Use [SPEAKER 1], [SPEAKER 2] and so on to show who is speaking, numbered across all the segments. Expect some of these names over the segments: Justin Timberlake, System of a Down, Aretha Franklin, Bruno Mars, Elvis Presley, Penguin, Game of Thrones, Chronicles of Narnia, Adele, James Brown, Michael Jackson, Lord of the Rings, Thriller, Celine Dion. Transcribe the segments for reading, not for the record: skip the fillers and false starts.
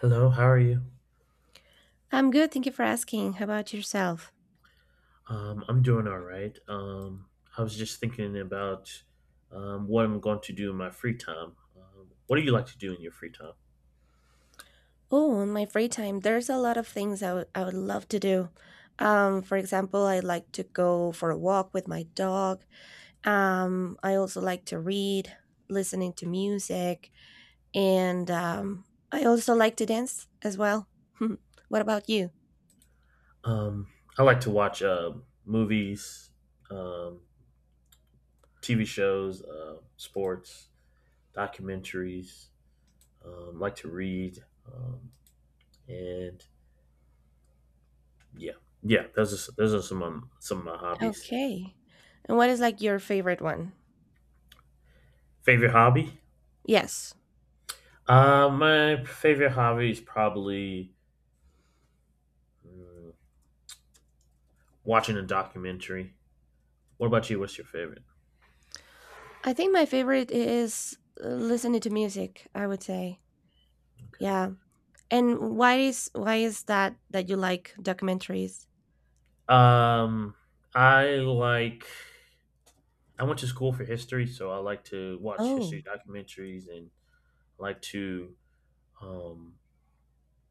[SPEAKER 1] Hello, how are you?
[SPEAKER 2] I'm good, thank you for asking. How about yourself?
[SPEAKER 1] I'm doing all right. I was just thinking about what I'm going to do in my free time. What do you like to do in your free time?
[SPEAKER 2] Oh, in my free time, there's a lot of things I would love to do. For example, I like to go for a walk with my dog. I also like to read, listening to music, and I also like to dance as well. What about you?
[SPEAKER 1] Um, I like to watch movies, um, TV shows, sports, documentaries. Like to read, um, and yeah, yeah. Those are some of my hobbies.
[SPEAKER 2] Okay. And what is like your favorite one?
[SPEAKER 1] Favorite hobby?
[SPEAKER 2] Yes.
[SPEAKER 1] My favorite hobby is probably. mm, watching a documentary. What about you? What's your favorite?
[SPEAKER 2] I think my favorite is listening to music, I would say.
[SPEAKER 1] Okay.
[SPEAKER 2] Yeah. And why is that that you like documentaries?
[SPEAKER 1] Um, I like. I went to school for history, so I like to watch history
[SPEAKER 2] Oh,
[SPEAKER 1] documentaries and like to, um,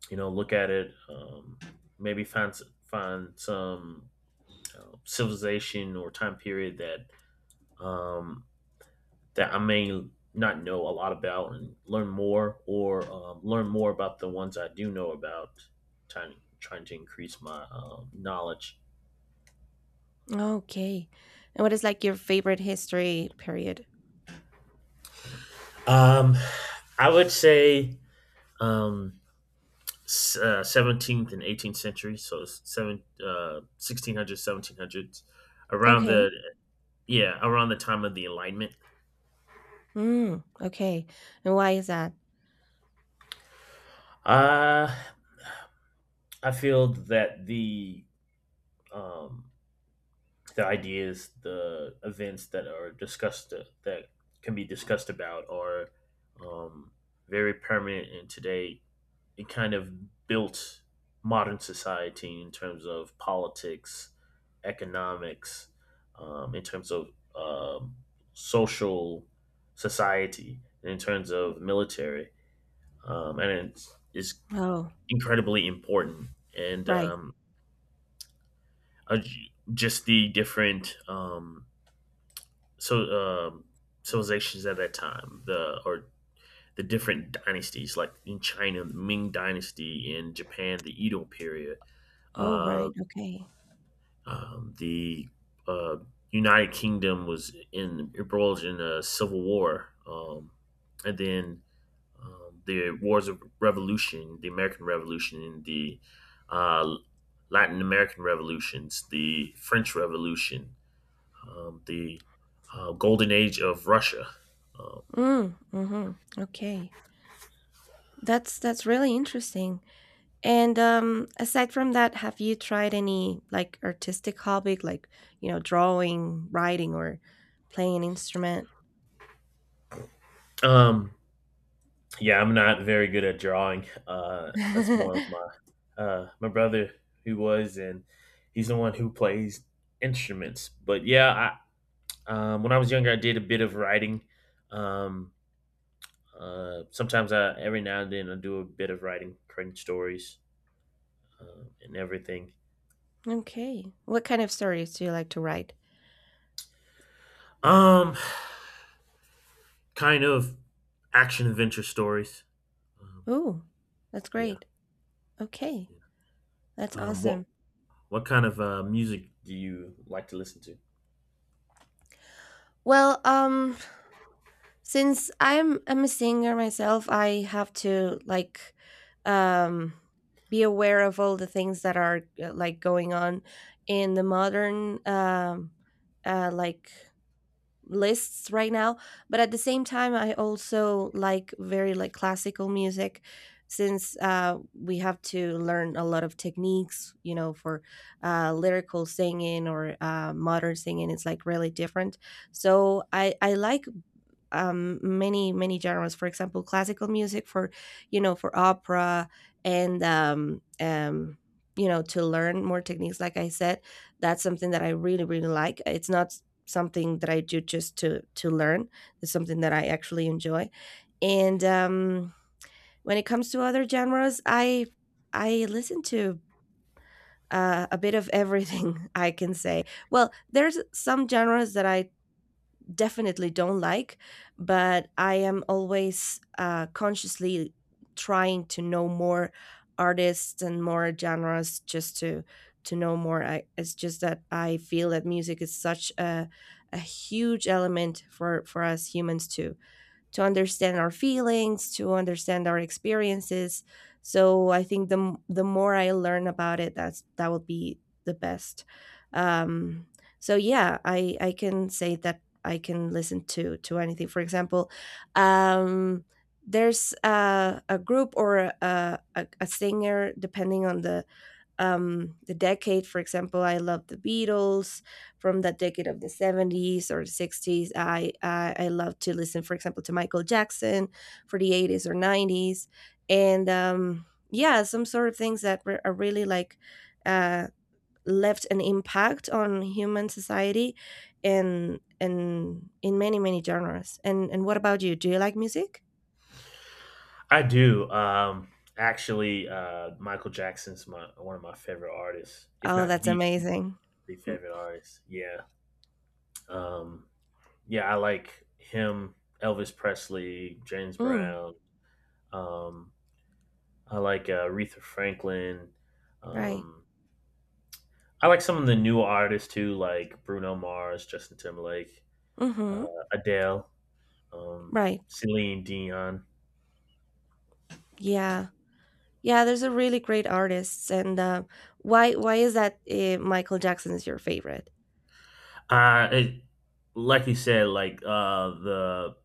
[SPEAKER 1] look at it. Maybe find some civilization or time period um, that I may not know a lot about and learn more, or learn more about the ones I do know about. Trying trying to increase my knowledge.
[SPEAKER 2] okay. And what is like your favorite history period?
[SPEAKER 1] Um, I would say um, 17th and 18th century, so 1600s, 1700s, around the
[SPEAKER 2] Okay.
[SPEAKER 1] yeah, around the time of the Enlightenment.
[SPEAKER 2] Mm, okay. And why is that?
[SPEAKER 1] Uh, I feel that um, the ideas, the events that are discussed that can be discussed about are um, very permanent, and today it kind of built modern society in terms of politics, economics, in terms of um, social society, and in terms
[SPEAKER 2] Mm.
[SPEAKER 1] of military, and it's
[SPEAKER 2] Oh,
[SPEAKER 1] incredibly important. And
[SPEAKER 2] right.
[SPEAKER 1] um, just the different so um, civilizations at that time, the different dynasties, like in China, the Ming Dynasty, in Japan, the Edo period,
[SPEAKER 2] Oh,
[SPEAKER 1] uh,
[SPEAKER 2] right. Okay.
[SPEAKER 1] the uh, United Kingdom was in embroiled in a civil war, and then the wars of revolution, the American Revolution, and the uh, Latin American revolutions, the French Revolution, the Golden Age of Russia. Um,
[SPEAKER 2] Mm, mm-hmm. Okay. That's really interesting. And aside from that, have you tried any like artistic hobby like, you know, drawing, writing or playing an instrument?
[SPEAKER 1] Um, yeah, I'm not very good at drawing. That's more of my brother who was, and he's the one who plays instruments. But yeah, I when I was younger, I did a bit of writing. Um, sometimes I Every now and then I do a bit of writing, creating stories and everything.
[SPEAKER 2] Okay. What kind of stories do you like to write?
[SPEAKER 1] Um, Kind of action adventure stories. Um,
[SPEAKER 2] Oh, that's
[SPEAKER 1] yeah.
[SPEAKER 2] great. Okay,
[SPEAKER 1] Yeah.
[SPEAKER 2] that's
[SPEAKER 1] Um, what
[SPEAKER 2] awesome.
[SPEAKER 1] what kind of music do you like to listen to?
[SPEAKER 2] Well, since I'm a singer myself, I have to like um be aware of all the things that are like going on in the modern like lists right now, but at the same time I also like very like classical music, since we have to learn a lot of techniques, you know, for lyrical singing or modern singing. It's like really different. So I like many many genres. For example, classical music for, you know, for opera, and you know, to learn more techniques. Like I said, that's something that I really really like. It's not something that I do just to learn. It's something that I actually enjoy. And when it comes to other genres, I listen to a bit of everything. I can say. Well, there's some genres that I definitely don't like, but I am always consciously trying to know more artists and more genres, just to know more. It's just that I feel that music is such a huge element for us humans to understand our feelings, to understand our experiences. So I think the more I learn about it, that will be the best. Um, so yeah, I can say that I can listen to anything. For example, um, there's a group or a singer, depending on the decade. For example, I love the Beatles from that decade of the 70s or 60s. I love to listen, for example, to Michael Jackson for the 80s or 90s. And yeah, some sort of things that are really like uh, left an impact on human society. And in many many genres. And what about you, do you like music?
[SPEAKER 1] I do. Actually, Michael Jackson's my one of my favorite artists, if
[SPEAKER 2] Oh,
[SPEAKER 1] not
[SPEAKER 2] that's
[SPEAKER 1] the,
[SPEAKER 2] amazing.
[SPEAKER 1] the favorite artist. Yeah. Um, yeah, I like him, Elvis Presley, James
[SPEAKER 2] Mm,
[SPEAKER 1] Brown. Um, I like Aretha Franklin.
[SPEAKER 2] right.
[SPEAKER 1] Um, I like some of the new artists too, like Bruno Mars, Justin Timberlake, uh,
[SPEAKER 2] Mm-hmm.
[SPEAKER 1] Adele, um,
[SPEAKER 2] Right.
[SPEAKER 1] Celine Dion.
[SPEAKER 2] Yeah. Yeah, there's a really great artists, and why is that Michael Jackson is your favorite?
[SPEAKER 1] Uh, it, like you said, like the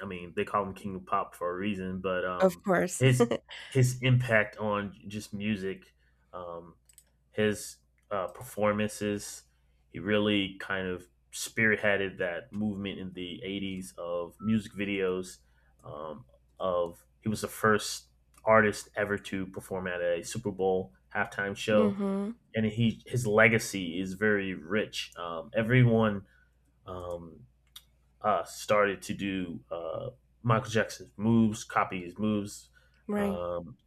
[SPEAKER 1] I mean, they call him King of Pop for a reason, but
[SPEAKER 2] Of course.
[SPEAKER 1] his his impact on just music, um, his performances, he really kind of spearheaded that movement in the '80s of music videos. Um, of He was the first artist ever to perform at a Super Bowl halftime show,
[SPEAKER 2] Mhm.
[SPEAKER 1] and he his legacy is very rich. Everyone um, started to do Michael Jackson's moves, copy his moves,
[SPEAKER 2] Right.
[SPEAKER 1] um,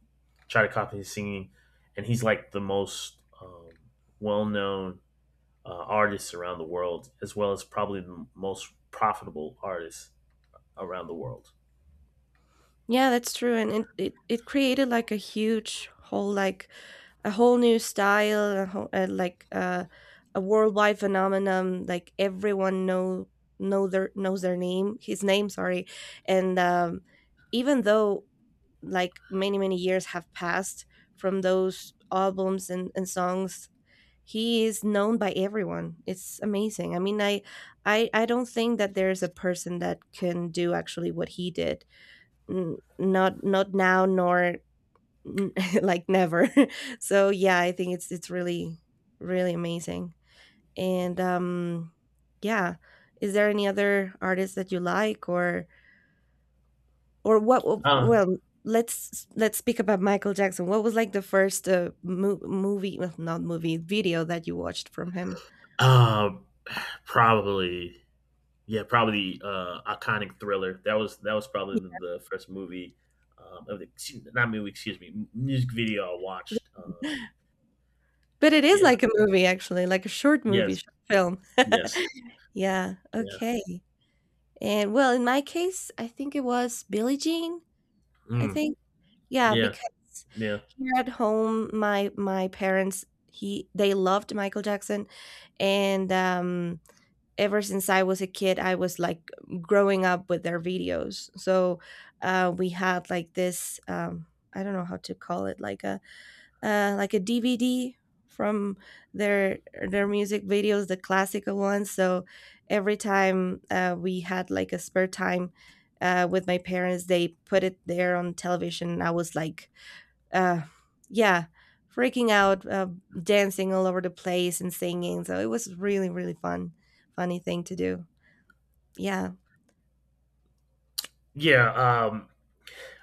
[SPEAKER 1] try to copy his singing, and he's like the most well-known artist around the world, as well as probably the most profitable artist around the world.
[SPEAKER 2] Yeah, that's true, and it created like a huge whole like a whole new style, a whole, a worldwide phenomenon. Like everyone know their knows their name, his name. Sorry, and even though like many many years have passed from those albums and songs, he is known by everyone. It's amazing. I mean, I don't think that there's a person that can do actually what he did. Not not now nor like never. So yeah, I think it's really really amazing. And yeah, is there any other artist that you like, or what?
[SPEAKER 1] Uh,
[SPEAKER 2] Well, let's speak about Michael Jackson. What was like the first mo- movie well, not movie video that you watched from him?
[SPEAKER 1] uh, probably, yeah, probably iconic Thriller. That was probably the first movie. Not movie, excuse me, music video I watched.
[SPEAKER 2] Yeah. But it is
[SPEAKER 1] Yeah,
[SPEAKER 2] like a movie actually, like a short movie,
[SPEAKER 1] yes,
[SPEAKER 2] short film.
[SPEAKER 1] yes.
[SPEAKER 2] Yeah,
[SPEAKER 1] Yeah.
[SPEAKER 2] okay. And, well, in my case, I think it was Billie Jean, I
[SPEAKER 1] Mm.
[SPEAKER 2] think? Yeah,
[SPEAKER 1] Yeah.
[SPEAKER 2] because
[SPEAKER 1] Yeah.
[SPEAKER 2] here at home, my parents, he they loved Michael Jackson, and, ever since I was a kid, I was, like, growing up with their videos. So, we had, like, this, I don't know how to call it, like a DVD from their music videos, the classical ones. So every time we had like a spare time with my parents, they put it there on television. And I was like, uh, yeah, freaking out, dancing all over the place and singing. So it was really really fun, funny thing to do. Yeah.
[SPEAKER 1] Yeah. Um.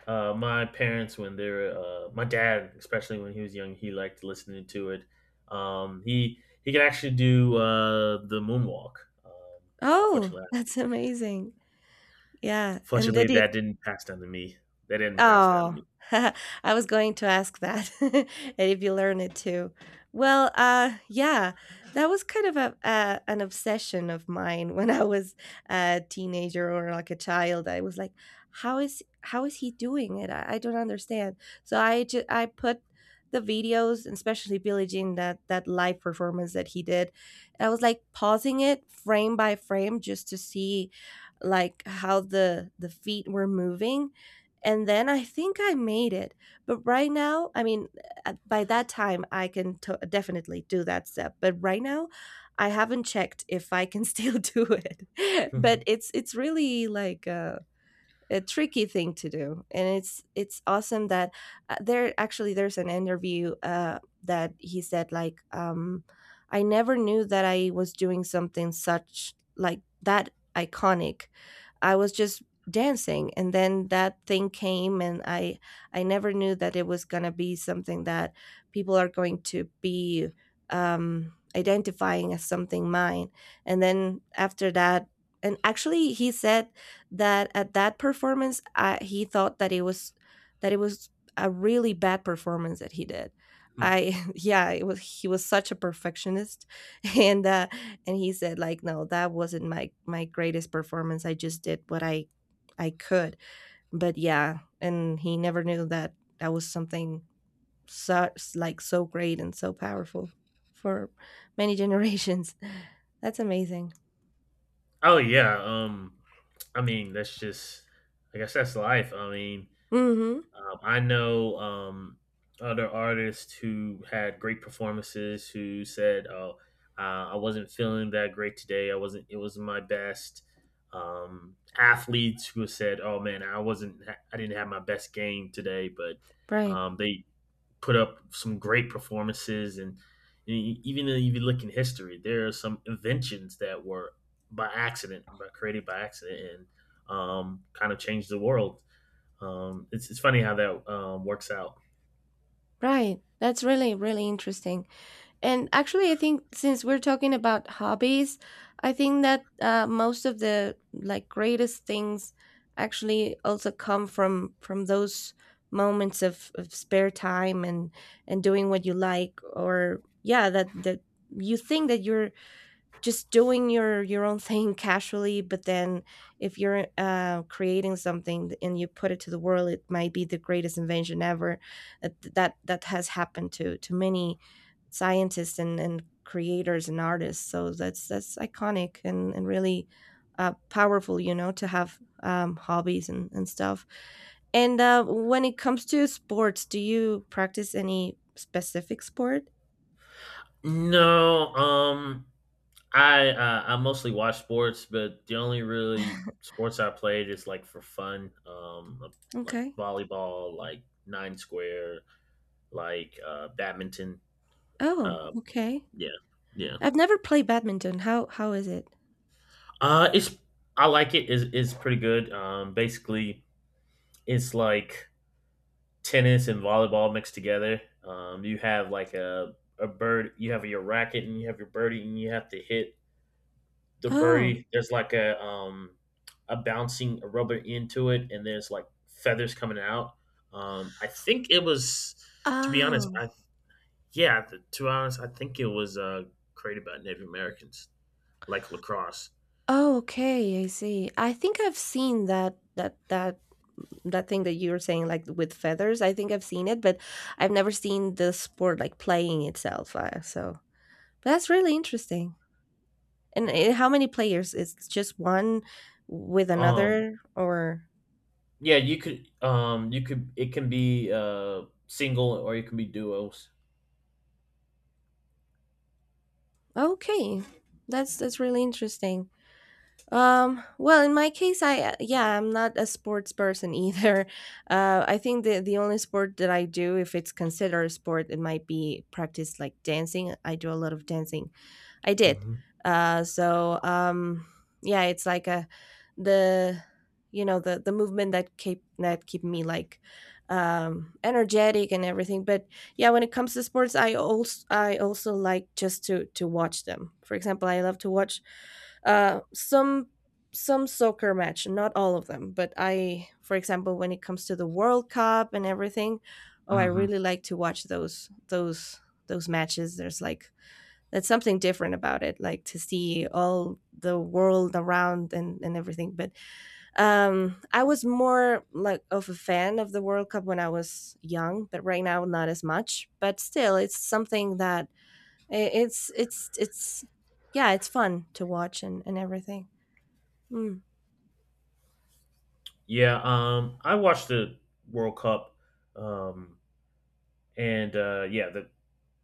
[SPEAKER 1] My parents, when my dad, especially when he was young, he liked listening to it. He could actually do the moonwalk. Um.
[SPEAKER 2] Oh,
[SPEAKER 1] Unfortunately, I-
[SPEAKER 2] that's amazing. Yeah. And
[SPEAKER 1] Unfortunately,
[SPEAKER 2] did—
[SPEAKER 1] that didn't pass down to me. That didn't pass down to
[SPEAKER 2] Oh,
[SPEAKER 1] me.
[SPEAKER 2] I was going to ask that, and if you learn it too. Well, yeah, that was kind of a, an obsession of mine when I was a teenager or like a child. I was like, how is he doing it? I don't understand. So I put the videos, and especially Billie Jean, that live performance that he did. I was like pausing it frame by frame just to see like how the feet were moving, and then I think I made it. But right now, I mean, by that time, I can to definitely do that step. But right now, I haven't checked if I can still do it. But it's really like a tricky thing to do. And it's awesome that there's an interview that he said like I never knew that I was doing something such like that iconic. I was just dancing, and then that thing came, and I never knew that it was going to be something that people are going to be identifying as something mine. And then after that, and actually he said that at that performance he thought that it was that it was a really bad performance that he did. I Yeah, it was, he was such a perfectionist. And he said like, no, that wasn't my greatest performance. I just did what I could. But yeah, and he never knew that that was something such like so great and so powerful for many generations. That's amazing.
[SPEAKER 1] Oh yeah. I mean, that's just. I guess that's life. I mean,
[SPEAKER 2] Hmm.
[SPEAKER 1] I know other artists who had great performances who said, "Oh, I wasn't feeling that great today. I wasn't. It wasn't my best." Athletes who said, "Oh man, I wasn't. I didn't have my best game today," but
[SPEAKER 2] Right.
[SPEAKER 1] they put up some great performances. And even if you look in history, there are some inventions that were by created by accident, and kind of changed the world, it's funny how that works out.
[SPEAKER 2] Right, that's really really interesting. And actually, I think since we're talking about hobbies, I think that most of the like greatest things actually also come from those moments of spare time, and doing what you like. Or yeah, that you think that you're just doing your own thing casually, but then if you're creating something and you put it to the world, it might be the greatest invention ever. That has happened to many scientists and creators and artists. So that's iconic and really powerful, you know, to have hobbies and stuff. And when it comes to sports, do you practice any specific sport?
[SPEAKER 1] No, I mostly watch sports, but the only really sports I played is like for fun, like
[SPEAKER 2] Okay.
[SPEAKER 1] volleyball, like nine square, like badminton.
[SPEAKER 2] Oh,
[SPEAKER 1] Uh,
[SPEAKER 2] okay.
[SPEAKER 1] yeah, yeah.
[SPEAKER 2] I've never played badminton. How is it?
[SPEAKER 1] It's I like it. It's pretty good. Basically, it's like tennis and volleyball mixed together. You have like a bird. You have your racket, and you have your birdie, and you have to hit the
[SPEAKER 2] Oh.
[SPEAKER 1] birdie. There's like a bouncing a rubber end to it, and there's like feathers coming out. I think it was, to be honest,
[SPEAKER 2] Oh.
[SPEAKER 1] to be honest, I think it was created by Native Americans, like lacrosse.
[SPEAKER 2] Oh, okay, I see. I think I've seen that thing that you were saying, like with feathers. I think I've seen it, but I've never seen the sport like playing itself. So but that's really interesting. And
[SPEAKER 1] Yeah.
[SPEAKER 2] how many players? Is just one with
[SPEAKER 1] Um.
[SPEAKER 2] another, or—
[SPEAKER 1] Yeah, you could. You could. It can be single, or it can be duos.
[SPEAKER 2] Okay? That's really interesting. Well, in my case, I yeah, I'm not a sports person either. I think the only sport that I do, if it's considered a sport, it might be practice like dancing. I do a lot of dancing, I did.
[SPEAKER 1] Hmm.
[SPEAKER 2] Uh, so um, yeah, it's like a the the movement that keep me like energetic and everything. But yeah, when it comes to sports, I also like just to watch them. For example, I love to watch uh some some soccer match, not all of them, but I, for example, when it comes to the World Cup and everything, oh I
[SPEAKER 1] Hmm.
[SPEAKER 2] really like to watch those those matches. There's like that's something different about it, like to see all the world around and everything. But I was more like of a fan of the World Cup when I was young, but right now not as much, but still it's something that eh, it's yeah, it's fun to watch and everything. mm,
[SPEAKER 1] Yeah. I watched the World Cup. Um. And yeah, the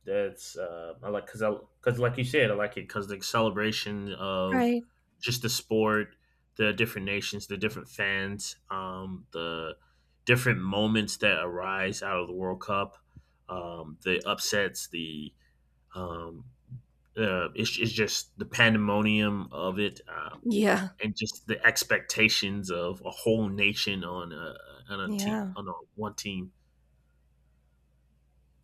[SPEAKER 1] That's I like because I because like you said, I like it because the celebration of
[SPEAKER 2] right.
[SPEAKER 1] just the sport, the different nations, the different fans, the different moments that arise out of the World Cup, the upsets, the um, it's just the pandemonium of it,
[SPEAKER 2] yeah
[SPEAKER 1] and just the expectations of a whole nation on a team
[SPEAKER 2] yeah
[SPEAKER 1] on one team.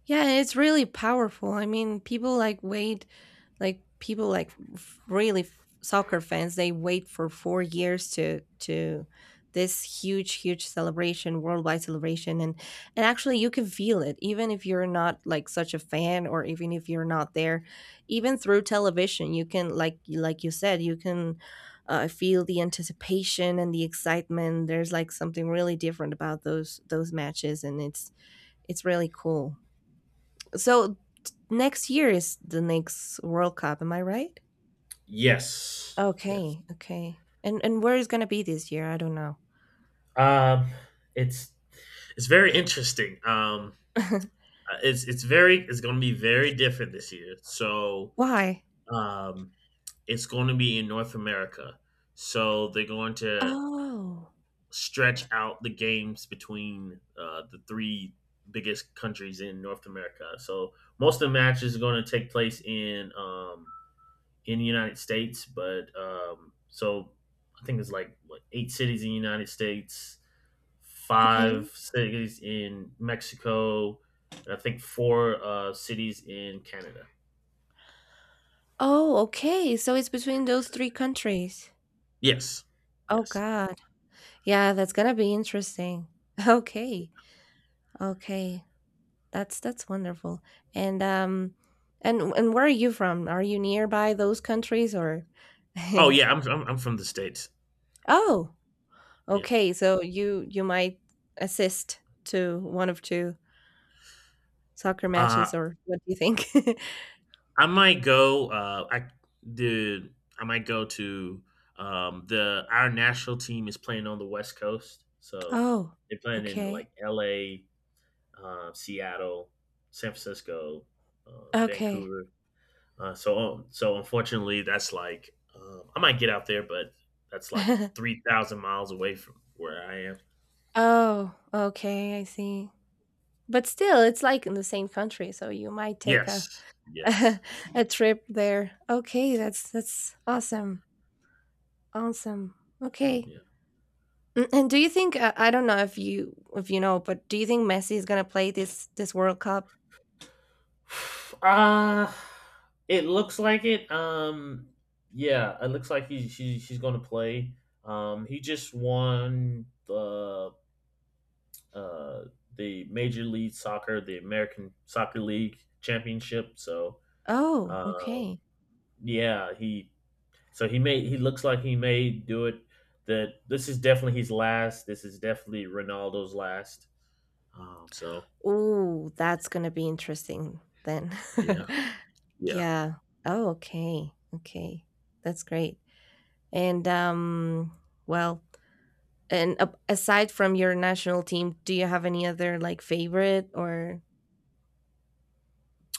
[SPEAKER 2] yeah, and it's really powerful. I mean, people like wait, like people like soccer fans, they wait for 4 years to this huge celebration, worldwide celebration. And actually you can feel it even if you're not like such a fan, or even if you're not there. Even through television you can, like you said, you can feel the anticipation and the excitement. There's like something really different about those matches, and it's really cool. So next year is the next World Cup, am I right?
[SPEAKER 1] Yes, yes.
[SPEAKER 2] Okay, okay. And where is gonna be this year? I don't know.
[SPEAKER 1] Um, it's it's very interesting. It's going to be very different this year. So
[SPEAKER 2] Why?
[SPEAKER 1] um, it's going to be in North America. So they're going to
[SPEAKER 2] Oh,
[SPEAKER 1] stretch out the games between the three biggest countries in North America. So most of the matches are going to take place in the United States, but I think it's like what, eight cities in the United States, five
[SPEAKER 2] okay.
[SPEAKER 1] cities in Mexico, and I think four cities in Canada.
[SPEAKER 2] Oh, okay. So it's between those three countries.
[SPEAKER 1] Yes.
[SPEAKER 2] Oh
[SPEAKER 1] Yes.
[SPEAKER 2] God. Yeah, that's gonna be interesting. Okay. Okay. That's wonderful. And um and where are you from? Are you nearby those countries, or
[SPEAKER 1] Oh yeah, I'm from the states.
[SPEAKER 2] oh,
[SPEAKER 1] Yeah.
[SPEAKER 2] okay. So you might assist to one of two soccer matches,
[SPEAKER 1] Uh,
[SPEAKER 2] or what do you think?
[SPEAKER 1] I might go. I might go to the our national team is playing on the West Coast, so
[SPEAKER 2] Oh,
[SPEAKER 1] they're playing in
[SPEAKER 2] okay.
[SPEAKER 1] like L.A., Seattle, San Francisco,
[SPEAKER 2] Okay.
[SPEAKER 1] Vancouver. Unfortunately, that's like I might get out there, but that's like 3,000 miles away from where I am.
[SPEAKER 2] Oh, okay, I see. But still, it's like in the same country, so you might take a
[SPEAKER 1] Yes, yes,
[SPEAKER 2] a trip there. Okay, that's awesome. Awesome. Okay.
[SPEAKER 1] yeah.
[SPEAKER 2] Mm, and do you think I don't know if you know, but do you think Messi is gonna play this World Cup?
[SPEAKER 1] Uh it looks like it. Yeah, it looks like she's going to play. He just won uh, the Major League Soccer, the American Soccer League championship. So
[SPEAKER 2] Oh,
[SPEAKER 1] um,
[SPEAKER 2] okay.
[SPEAKER 1] Yeah, he looks like he may do it. That This is definitely his last. This is definitely Ronaldo's last. Um, so
[SPEAKER 2] Ooh, that's gonna be interesting then.
[SPEAKER 1] yeah, yeah.
[SPEAKER 2] Yeah. Oh, okay. Okay. That's great. And well, and a aside from your national team, do you have any other like favorite, or?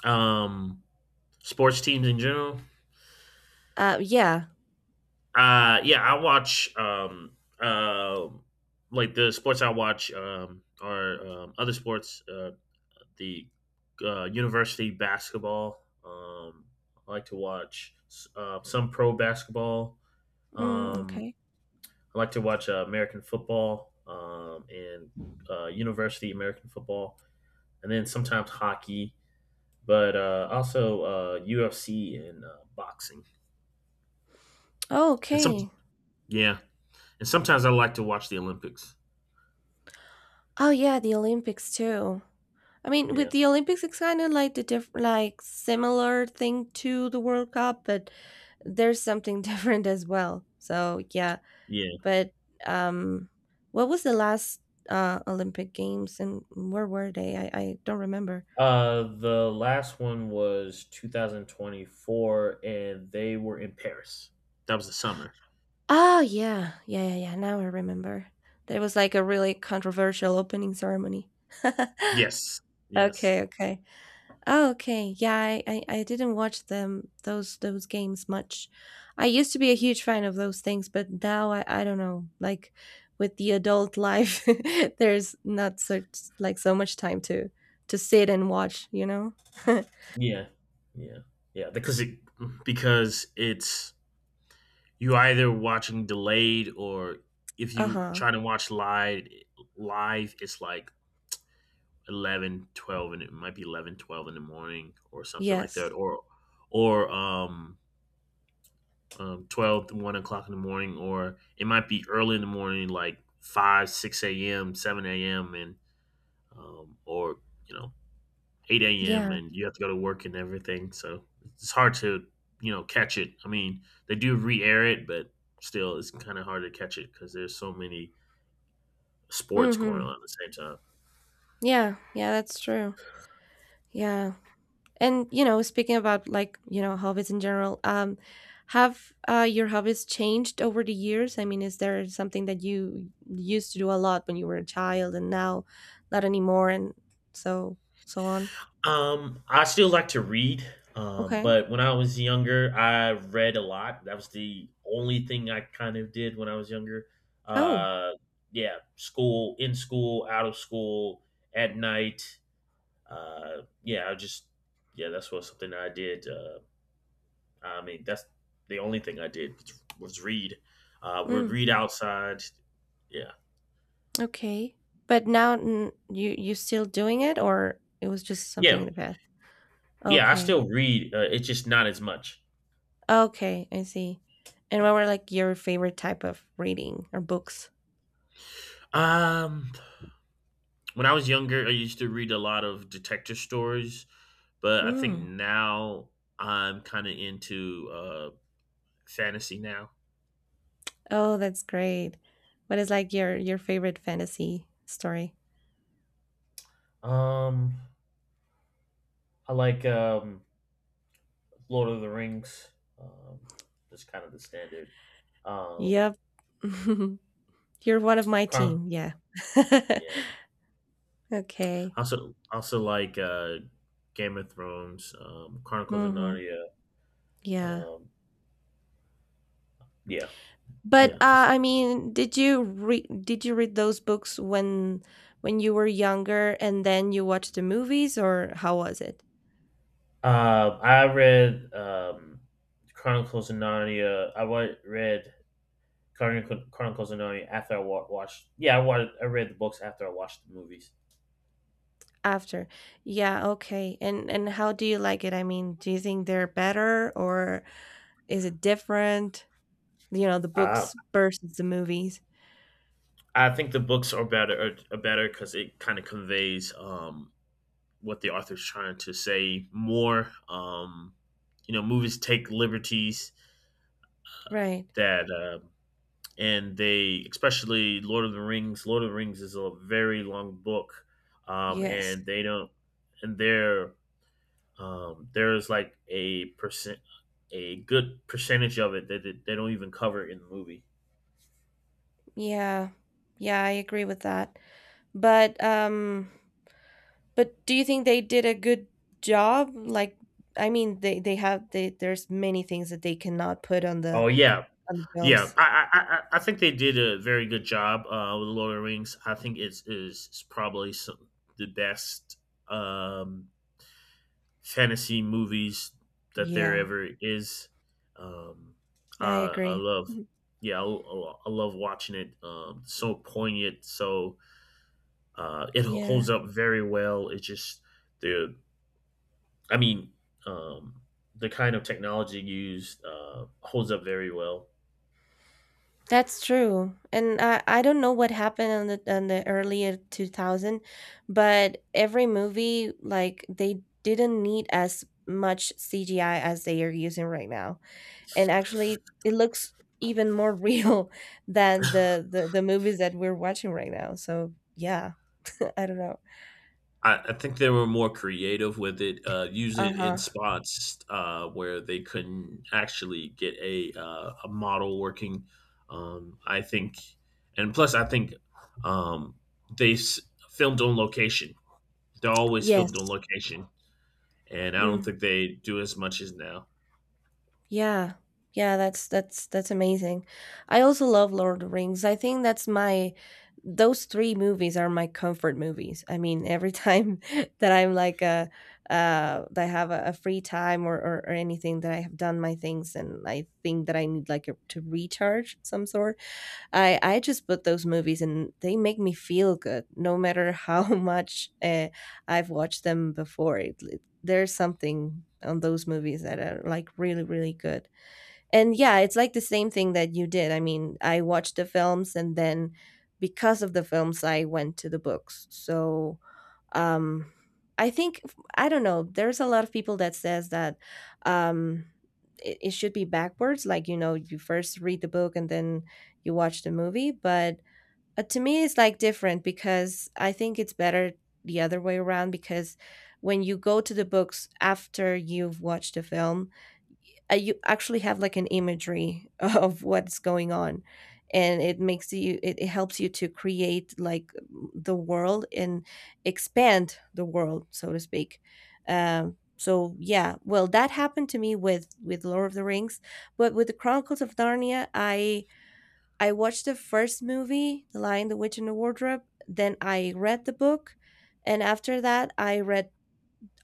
[SPEAKER 1] Um, Sports teams in general.
[SPEAKER 2] Yeah.
[SPEAKER 1] Yeah, I watch like the sports I watch are other sports. The University basketball. I like to watch some pro basketball.
[SPEAKER 2] Mm,
[SPEAKER 1] Um,
[SPEAKER 2] okay.
[SPEAKER 1] I like to watch American football, and university American football, and then sometimes hockey, but also UFC and boxing.
[SPEAKER 2] Oh,
[SPEAKER 1] And some
[SPEAKER 2] okay.
[SPEAKER 1] Yeah, and sometimes I like to watch the Olympics.
[SPEAKER 2] Oh, yeah, the Olympics too. I mean,
[SPEAKER 1] Yeah.
[SPEAKER 2] with the Olympics, it's kind of like the like similar thing to the World Cup, but there's something different as well. So yeah,
[SPEAKER 1] Yeah.
[SPEAKER 2] but um, what was the last Olympic Games, and where were they? I don't remember.
[SPEAKER 1] The last one was 2024, and they were in Paris. That was the summer.
[SPEAKER 2] Oh, Yeah, yeah now I remember. There was, like, a really controversial opening ceremony.
[SPEAKER 1] Yes. Yes.
[SPEAKER 2] Okay, okay. Oh, okay. Yeah, I didn't watch them, those games much. I used to be a huge fan of those things, but now I don't know, like, with the adult life, there's not such like, so much time to sit and watch, you know?
[SPEAKER 1] Yeah. Yeah. Yeah. Because it's you either watching delayed, or if you
[SPEAKER 2] Uh-huh.
[SPEAKER 1] try to watch live it's like 11, 12, and it might be 11, 12 in the morning or something like that,
[SPEAKER 2] Yes.
[SPEAKER 1] or 12 to 1 o'clock in the morning, or it might be early in the morning like 5 6 a.m. 7 a.m., and or you know 8 a.m.,
[SPEAKER 2] Yeah.
[SPEAKER 1] and you have to go to work and everything. So it's hard to, catch it. I mean, they do re air it, but still, it's kind of hard to catch it because there's so many sports going
[SPEAKER 2] Mhm.
[SPEAKER 1] on at the same time.
[SPEAKER 2] Yeah. Yeah, that's true. Yeah. And you know, speaking about like hobbies in general, have your hobbies changed over the years? I mean, is there something that you used to do a lot when you were a child and now not anymore, and so so on?
[SPEAKER 1] I still like to read,
[SPEAKER 2] Okay.
[SPEAKER 1] but when I was younger, I read a lot. That was the only thing I kind of did when I was younger.
[SPEAKER 2] Oh,
[SPEAKER 1] Uh, yeah, school, in school, out of school, at night. Yeah, yeah, that's what something I did. I mean, that's the only thing I did was read. Would
[SPEAKER 2] mm,
[SPEAKER 1] read outside. Yeah,
[SPEAKER 2] okay. But now mm, you still doing it, or it was just something
[SPEAKER 1] yeah,
[SPEAKER 2] in the past?
[SPEAKER 1] yeah. I
[SPEAKER 2] Okay.
[SPEAKER 1] still read. It's just not as much.
[SPEAKER 2] Okay, I see. And what were like your favorite type of reading or books?
[SPEAKER 1] Um, when I was younger, I used to read a lot of detective stories, but I think
[SPEAKER 2] Mm.
[SPEAKER 1] now I'm kind of into fantasy now.
[SPEAKER 2] Oh, that's great. What is like your favorite fantasy story?
[SPEAKER 1] Um, I like Lord of the Rings. Um, just kind of the standard. Um,
[SPEAKER 2] Yep. You're one of my
[SPEAKER 1] Chron-
[SPEAKER 2] team. Yeah.
[SPEAKER 1] yeah.
[SPEAKER 2] Okay.
[SPEAKER 1] Also, like Game of Thrones, Chronicles of
[SPEAKER 2] Mhm.
[SPEAKER 1] Narnia.
[SPEAKER 2] Yeah.
[SPEAKER 1] Um, yeah,
[SPEAKER 2] But
[SPEAKER 1] yeah.
[SPEAKER 2] I mean, did you read those books when you were younger and then you watched the movies, or how was it?
[SPEAKER 1] I read Chronicles of Narnia. Read Chronicles of Narnia after watched. Yeah, I read the books after I watched the movies.
[SPEAKER 2] After. Yeah, okay. And how do you like it? I mean, do you think they're better, or is it different? You know, the
[SPEAKER 1] Uh,
[SPEAKER 2] books versus the movies.
[SPEAKER 1] I think the books are are better because it kind of conveys what the author's trying to say more. You know, movies take liberties
[SPEAKER 2] Right.
[SPEAKER 1] that and they especially Lord of the Rings. Lord of the Rings is a very long book,
[SPEAKER 2] Yes.
[SPEAKER 1] and they don't and there there's like a good percentage of it that they don't even cover in the movie.
[SPEAKER 2] Yeah. Yeah, I agree with that. But um but do you think they did a good job? Like I mean they have they there's many things that they cannot put
[SPEAKER 1] Oh yeah,
[SPEAKER 2] on the
[SPEAKER 1] yeah.
[SPEAKER 2] films.
[SPEAKER 1] I think they did a very good job with Lord of the Rings. I think it's is probably some, the best um, fantasy movies that there
[SPEAKER 2] Yeah.
[SPEAKER 1] ever is. Um,
[SPEAKER 2] I
[SPEAKER 1] I, I
[SPEAKER 2] agree.
[SPEAKER 1] love,
[SPEAKER 2] Mhm.
[SPEAKER 1] yeah, I love watching it. So poignant, so it holds
[SPEAKER 2] Yeah.
[SPEAKER 1] up very well. It's just the, I mean, um, the kind of technology used holds up very well.
[SPEAKER 2] That's true. And I don't know what happened on the earlier 2000, but every movie like they didn't need as much CGI as they are using right now. And actually it looks even more real than the movies that we're watching right now. So, yeah. I don't know.
[SPEAKER 1] I think they were more creative with it. Use it in
[SPEAKER 2] Uh-huh.
[SPEAKER 1] spots where they couldn't actually get a model working. I think, and plus, I think um, they s- filmed on location. They're always
[SPEAKER 2] Yes.
[SPEAKER 1] filmed on location, and I don't
[SPEAKER 2] Mm.
[SPEAKER 1] think they do as much as now.
[SPEAKER 2] Yeah. Yeah, that's that's amazing. I also love Lord of the Rings. I think that's my those 3 movies are my comfort movies. I mean, every time that I'm like a that I have a free time or anything that I have done my things and I think that I need like a, to recharge some sort, I just put those movies and they make me feel good no matter how much I've watched them before. It, there's something on those movies that are like really really good. And yeah, it's like the same thing that you did. I mean, I watched the films and then because of the films I went to the books. So, um I think I don't know, there's a lot of people that says that um it, it should be backwards, like you know, you first read the book and then you watch the movie, but to me it's like different, because I think it's better the other way around, because when you go to the books after you've watched the film, you actually have like an imagery of what's going on, and it makes you it, it helps you to create like the world and expand the world, so to speak. Yeah, well, that happened to me with Lord of the Rings. But with the Chronicles of Narnia, I watched the first movie, The Lion, the Witch and the Wardrobe, then I read the book, and after that I read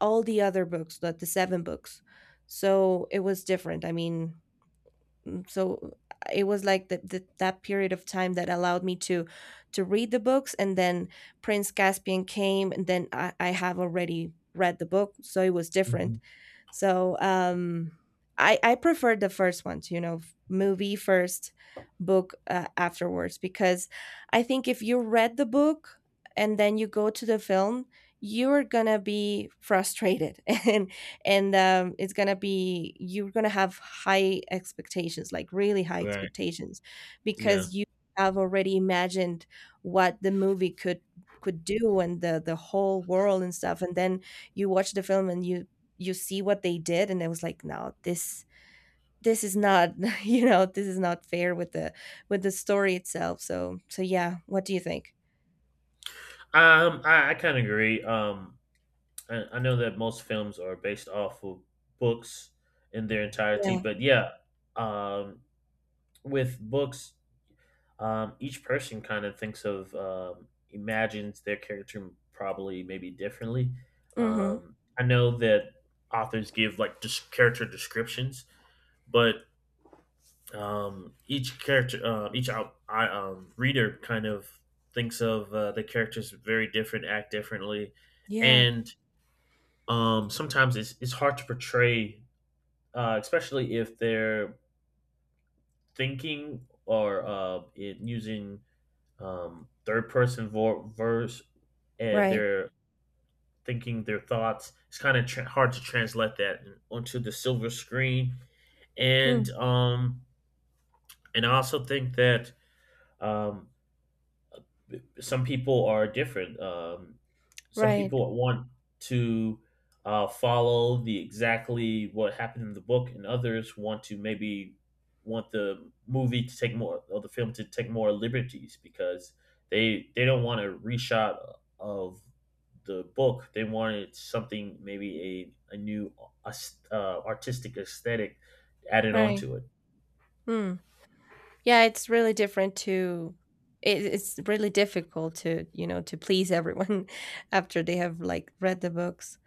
[SPEAKER 2] all the other books, like the 7 books. So it was different. I mean, mm, so it was like the, that period of time that allowed me to read the books and then Prince Caspian came, and then I have already read the book, so it was different.
[SPEAKER 1] Mhm.
[SPEAKER 2] So I preferred the first ones, you know, movie first, book afterwards, because I think if you read the book and then you go to the film, you're gonna be frustrated and it's gonna be you're gonna have high expectations, like really high
[SPEAKER 1] Right.
[SPEAKER 2] expectations,
[SPEAKER 1] Yeah.
[SPEAKER 2] because you have already imagined what the movie could do, and the whole world and stuff, and then you watch the film and you see what they did and it was like, no, this this is not you know this is not fair with the story itself. So so yeah, what do you think?
[SPEAKER 1] I kind of agree. I know that most films are based off of books in their entirety,
[SPEAKER 2] Yeah.
[SPEAKER 1] but yeah, um, with books, each person kind of thinks of imagines their character probably maybe differently.
[SPEAKER 2] Mhm.
[SPEAKER 1] I know that authors give like just character descriptions, but each character, each out, I, reader kind of thinks of the characters very different, act differently,
[SPEAKER 2] Yeah.
[SPEAKER 1] and sometimes it's hard to portray, especially if they're thinking or it using third person verse and
[SPEAKER 2] Right.
[SPEAKER 1] they're thinking their thoughts. It's kind of hard to translate that onto the silver screen, and
[SPEAKER 2] mm,
[SPEAKER 1] um, and I also think that um, some people are different. Some
[SPEAKER 2] right.
[SPEAKER 1] people want to follow the exactly what happened in the book, and others want to maybe want the movie to take more or the film to take more liberties because they don't want a reshot of the book. They wanted something maybe a new uh, artistic aesthetic added
[SPEAKER 2] Right.
[SPEAKER 1] onto it.
[SPEAKER 2] Mm. Yeah, it's really different to it, it's really difficult to, you know, to please everyone after they have like read the books.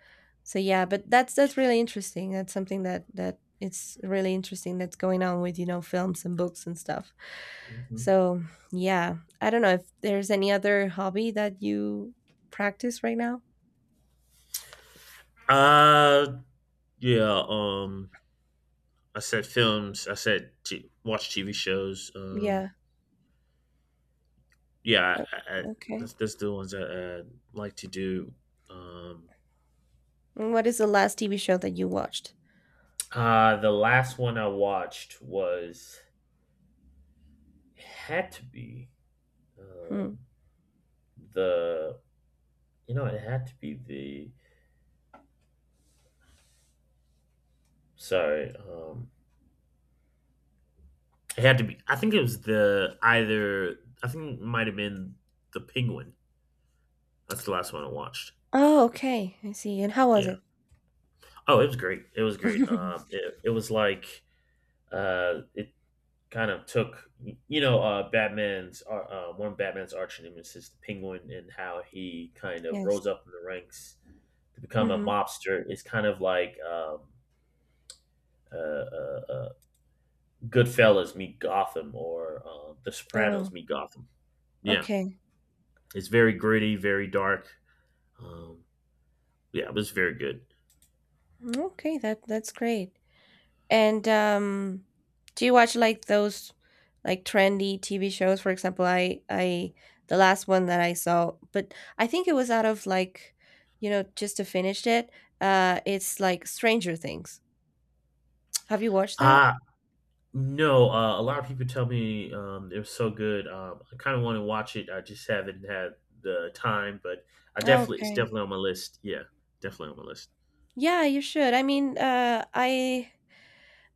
[SPEAKER 2] So yeah, but that's really interesting. That's something that that it's really interesting that's going on with, you know, films and books and stuff.
[SPEAKER 1] Mhm.
[SPEAKER 2] So, yeah, I don't know if there's any other hobby that you practice right now.
[SPEAKER 1] Uh, yeah. I said films. I said watch TV shows.
[SPEAKER 2] Yeah.
[SPEAKER 1] Yeah,
[SPEAKER 2] o- Okay.
[SPEAKER 1] that's, the ones I like to do. Um,
[SPEAKER 2] And what is the last TV show that you watched?
[SPEAKER 1] the last one I watched was it had to be
[SPEAKER 2] Hmm.
[SPEAKER 1] um, the you know it had to be the sorry it had to be I think it was the either I think it might have been the Penguin. That's the last one I watched.
[SPEAKER 2] Oh, okay. I see. And how was
[SPEAKER 1] Yeah.
[SPEAKER 2] it?
[SPEAKER 1] Oh, it was great. It was great. It was like it kind of took you know batman's one of batman's arch enemies is the penguin, and how he kind of
[SPEAKER 2] Yes.
[SPEAKER 1] rose up in the ranks to become a
[SPEAKER 2] Mm-hmm.
[SPEAKER 1] mobster is kind of like uh, uh, uh goodfellas meet gotham or the sopranos
[SPEAKER 2] Oh,
[SPEAKER 1] meet gotham, yeah,
[SPEAKER 2] okay.
[SPEAKER 1] it's very gritty, very dark, um yeah, it was very good.
[SPEAKER 2] Okay, that's great. And do you watch like those like trendy TV shows? For example, I the last one that I saw, but I think it was out of like, you know, just to finish it. It's like Stranger Things. Have you watched that?
[SPEAKER 1] uh No, a lot of people tell me it was so good. I kind of want to watch it. I just haven't had the time, but I
[SPEAKER 2] Oh,
[SPEAKER 1] definitely it's
[SPEAKER 2] okay.
[SPEAKER 1] definitely on my list. Yeah, definitely on my list.
[SPEAKER 2] Yeah, you should. I mean,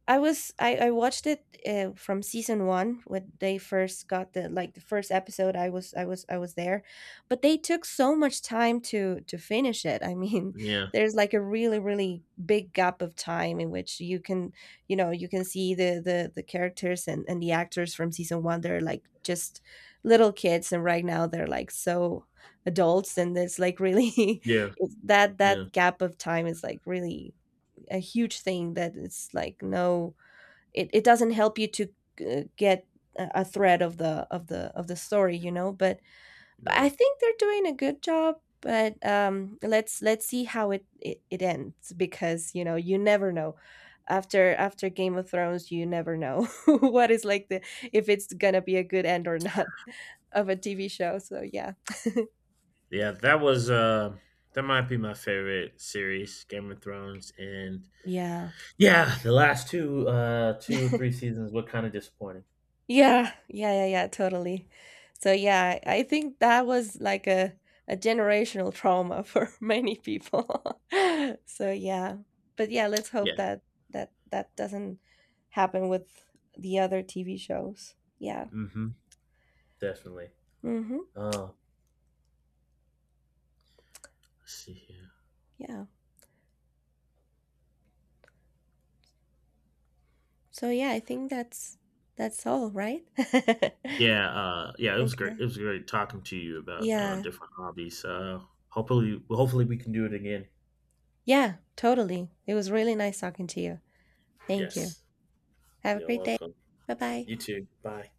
[SPEAKER 2] I was I watched it from season 1 when they first got the like the first episode I was there. But they took so much time to finish it. I mean,
[SPEAKER 1] Yeah,
[SPEAKER 2] there's like a really really big gap of time in which you can, you know, you can see the characters and the actors from season 1, they're like just little kids and right now they're like so adults, and it's like really
[SPEAKER 1] yeah,
[SPEAKER 2] it's that
[SPEAKER 1] yeah,
[SPEAKER 2] that gap of time is like really a huge thing that it's like no it, it doesn't help you to get a thread of the of the of the story, you know, but I
[SPEAKER 1] no,
[SPEAKER 2] think they're doing a good job. But let's see how it, it it ends, because you know you never know after after Game of Thrones, you never know what is like the if it's gonna be a good end or not of a TV show. So yeah.
[SPEAKER 1] yeah. That was that might be my favorite series, Game of Thrones, and
[SPEAKER 2] Yeah.
[SPEAKER 1] yeah, the last two, two or three seasons were kind of disappointing.
[SPEAKER 2] Yeah, yeah, totally. So yeah, I think that was like a generational trauma for many people. So yeah. But yeah, let's
[SPEAKER 1] Yeah,
[SPEAKER 2] hope that that that doesn't happen with the other TV shows. Yeah.
[SPEAKER 1] mm-hmm, definitely.
[SPEAKER 2] Hmm.
[SPEAKER 1] Uh, let's see here.
[SPEAKER 2] Yeah. So yeah, I think that's all, right?
[SPEAKER 1] Yeah, yeah, it was great. It
[SPEAKER 2] Okay.
[SPEAKER 1] was great talking to you about
[SPEAKER 2] Yeah.
[SPEAKER 1] different hobbies. Hopefully, hopefully we can do it again.
[SPEAKER 2] Yeah, totally. It was really nice talking to you. Thank you.
[SPEAKER 1] Yes.
[SPEAKER 2] Have a
[SPEAKER 1] You're
[SPEAKER 2] great day.
[SPEAKER 1] welcome.
[SPEAKER 2] Bye-bye.
[SPEAKER 1] You too. Bye.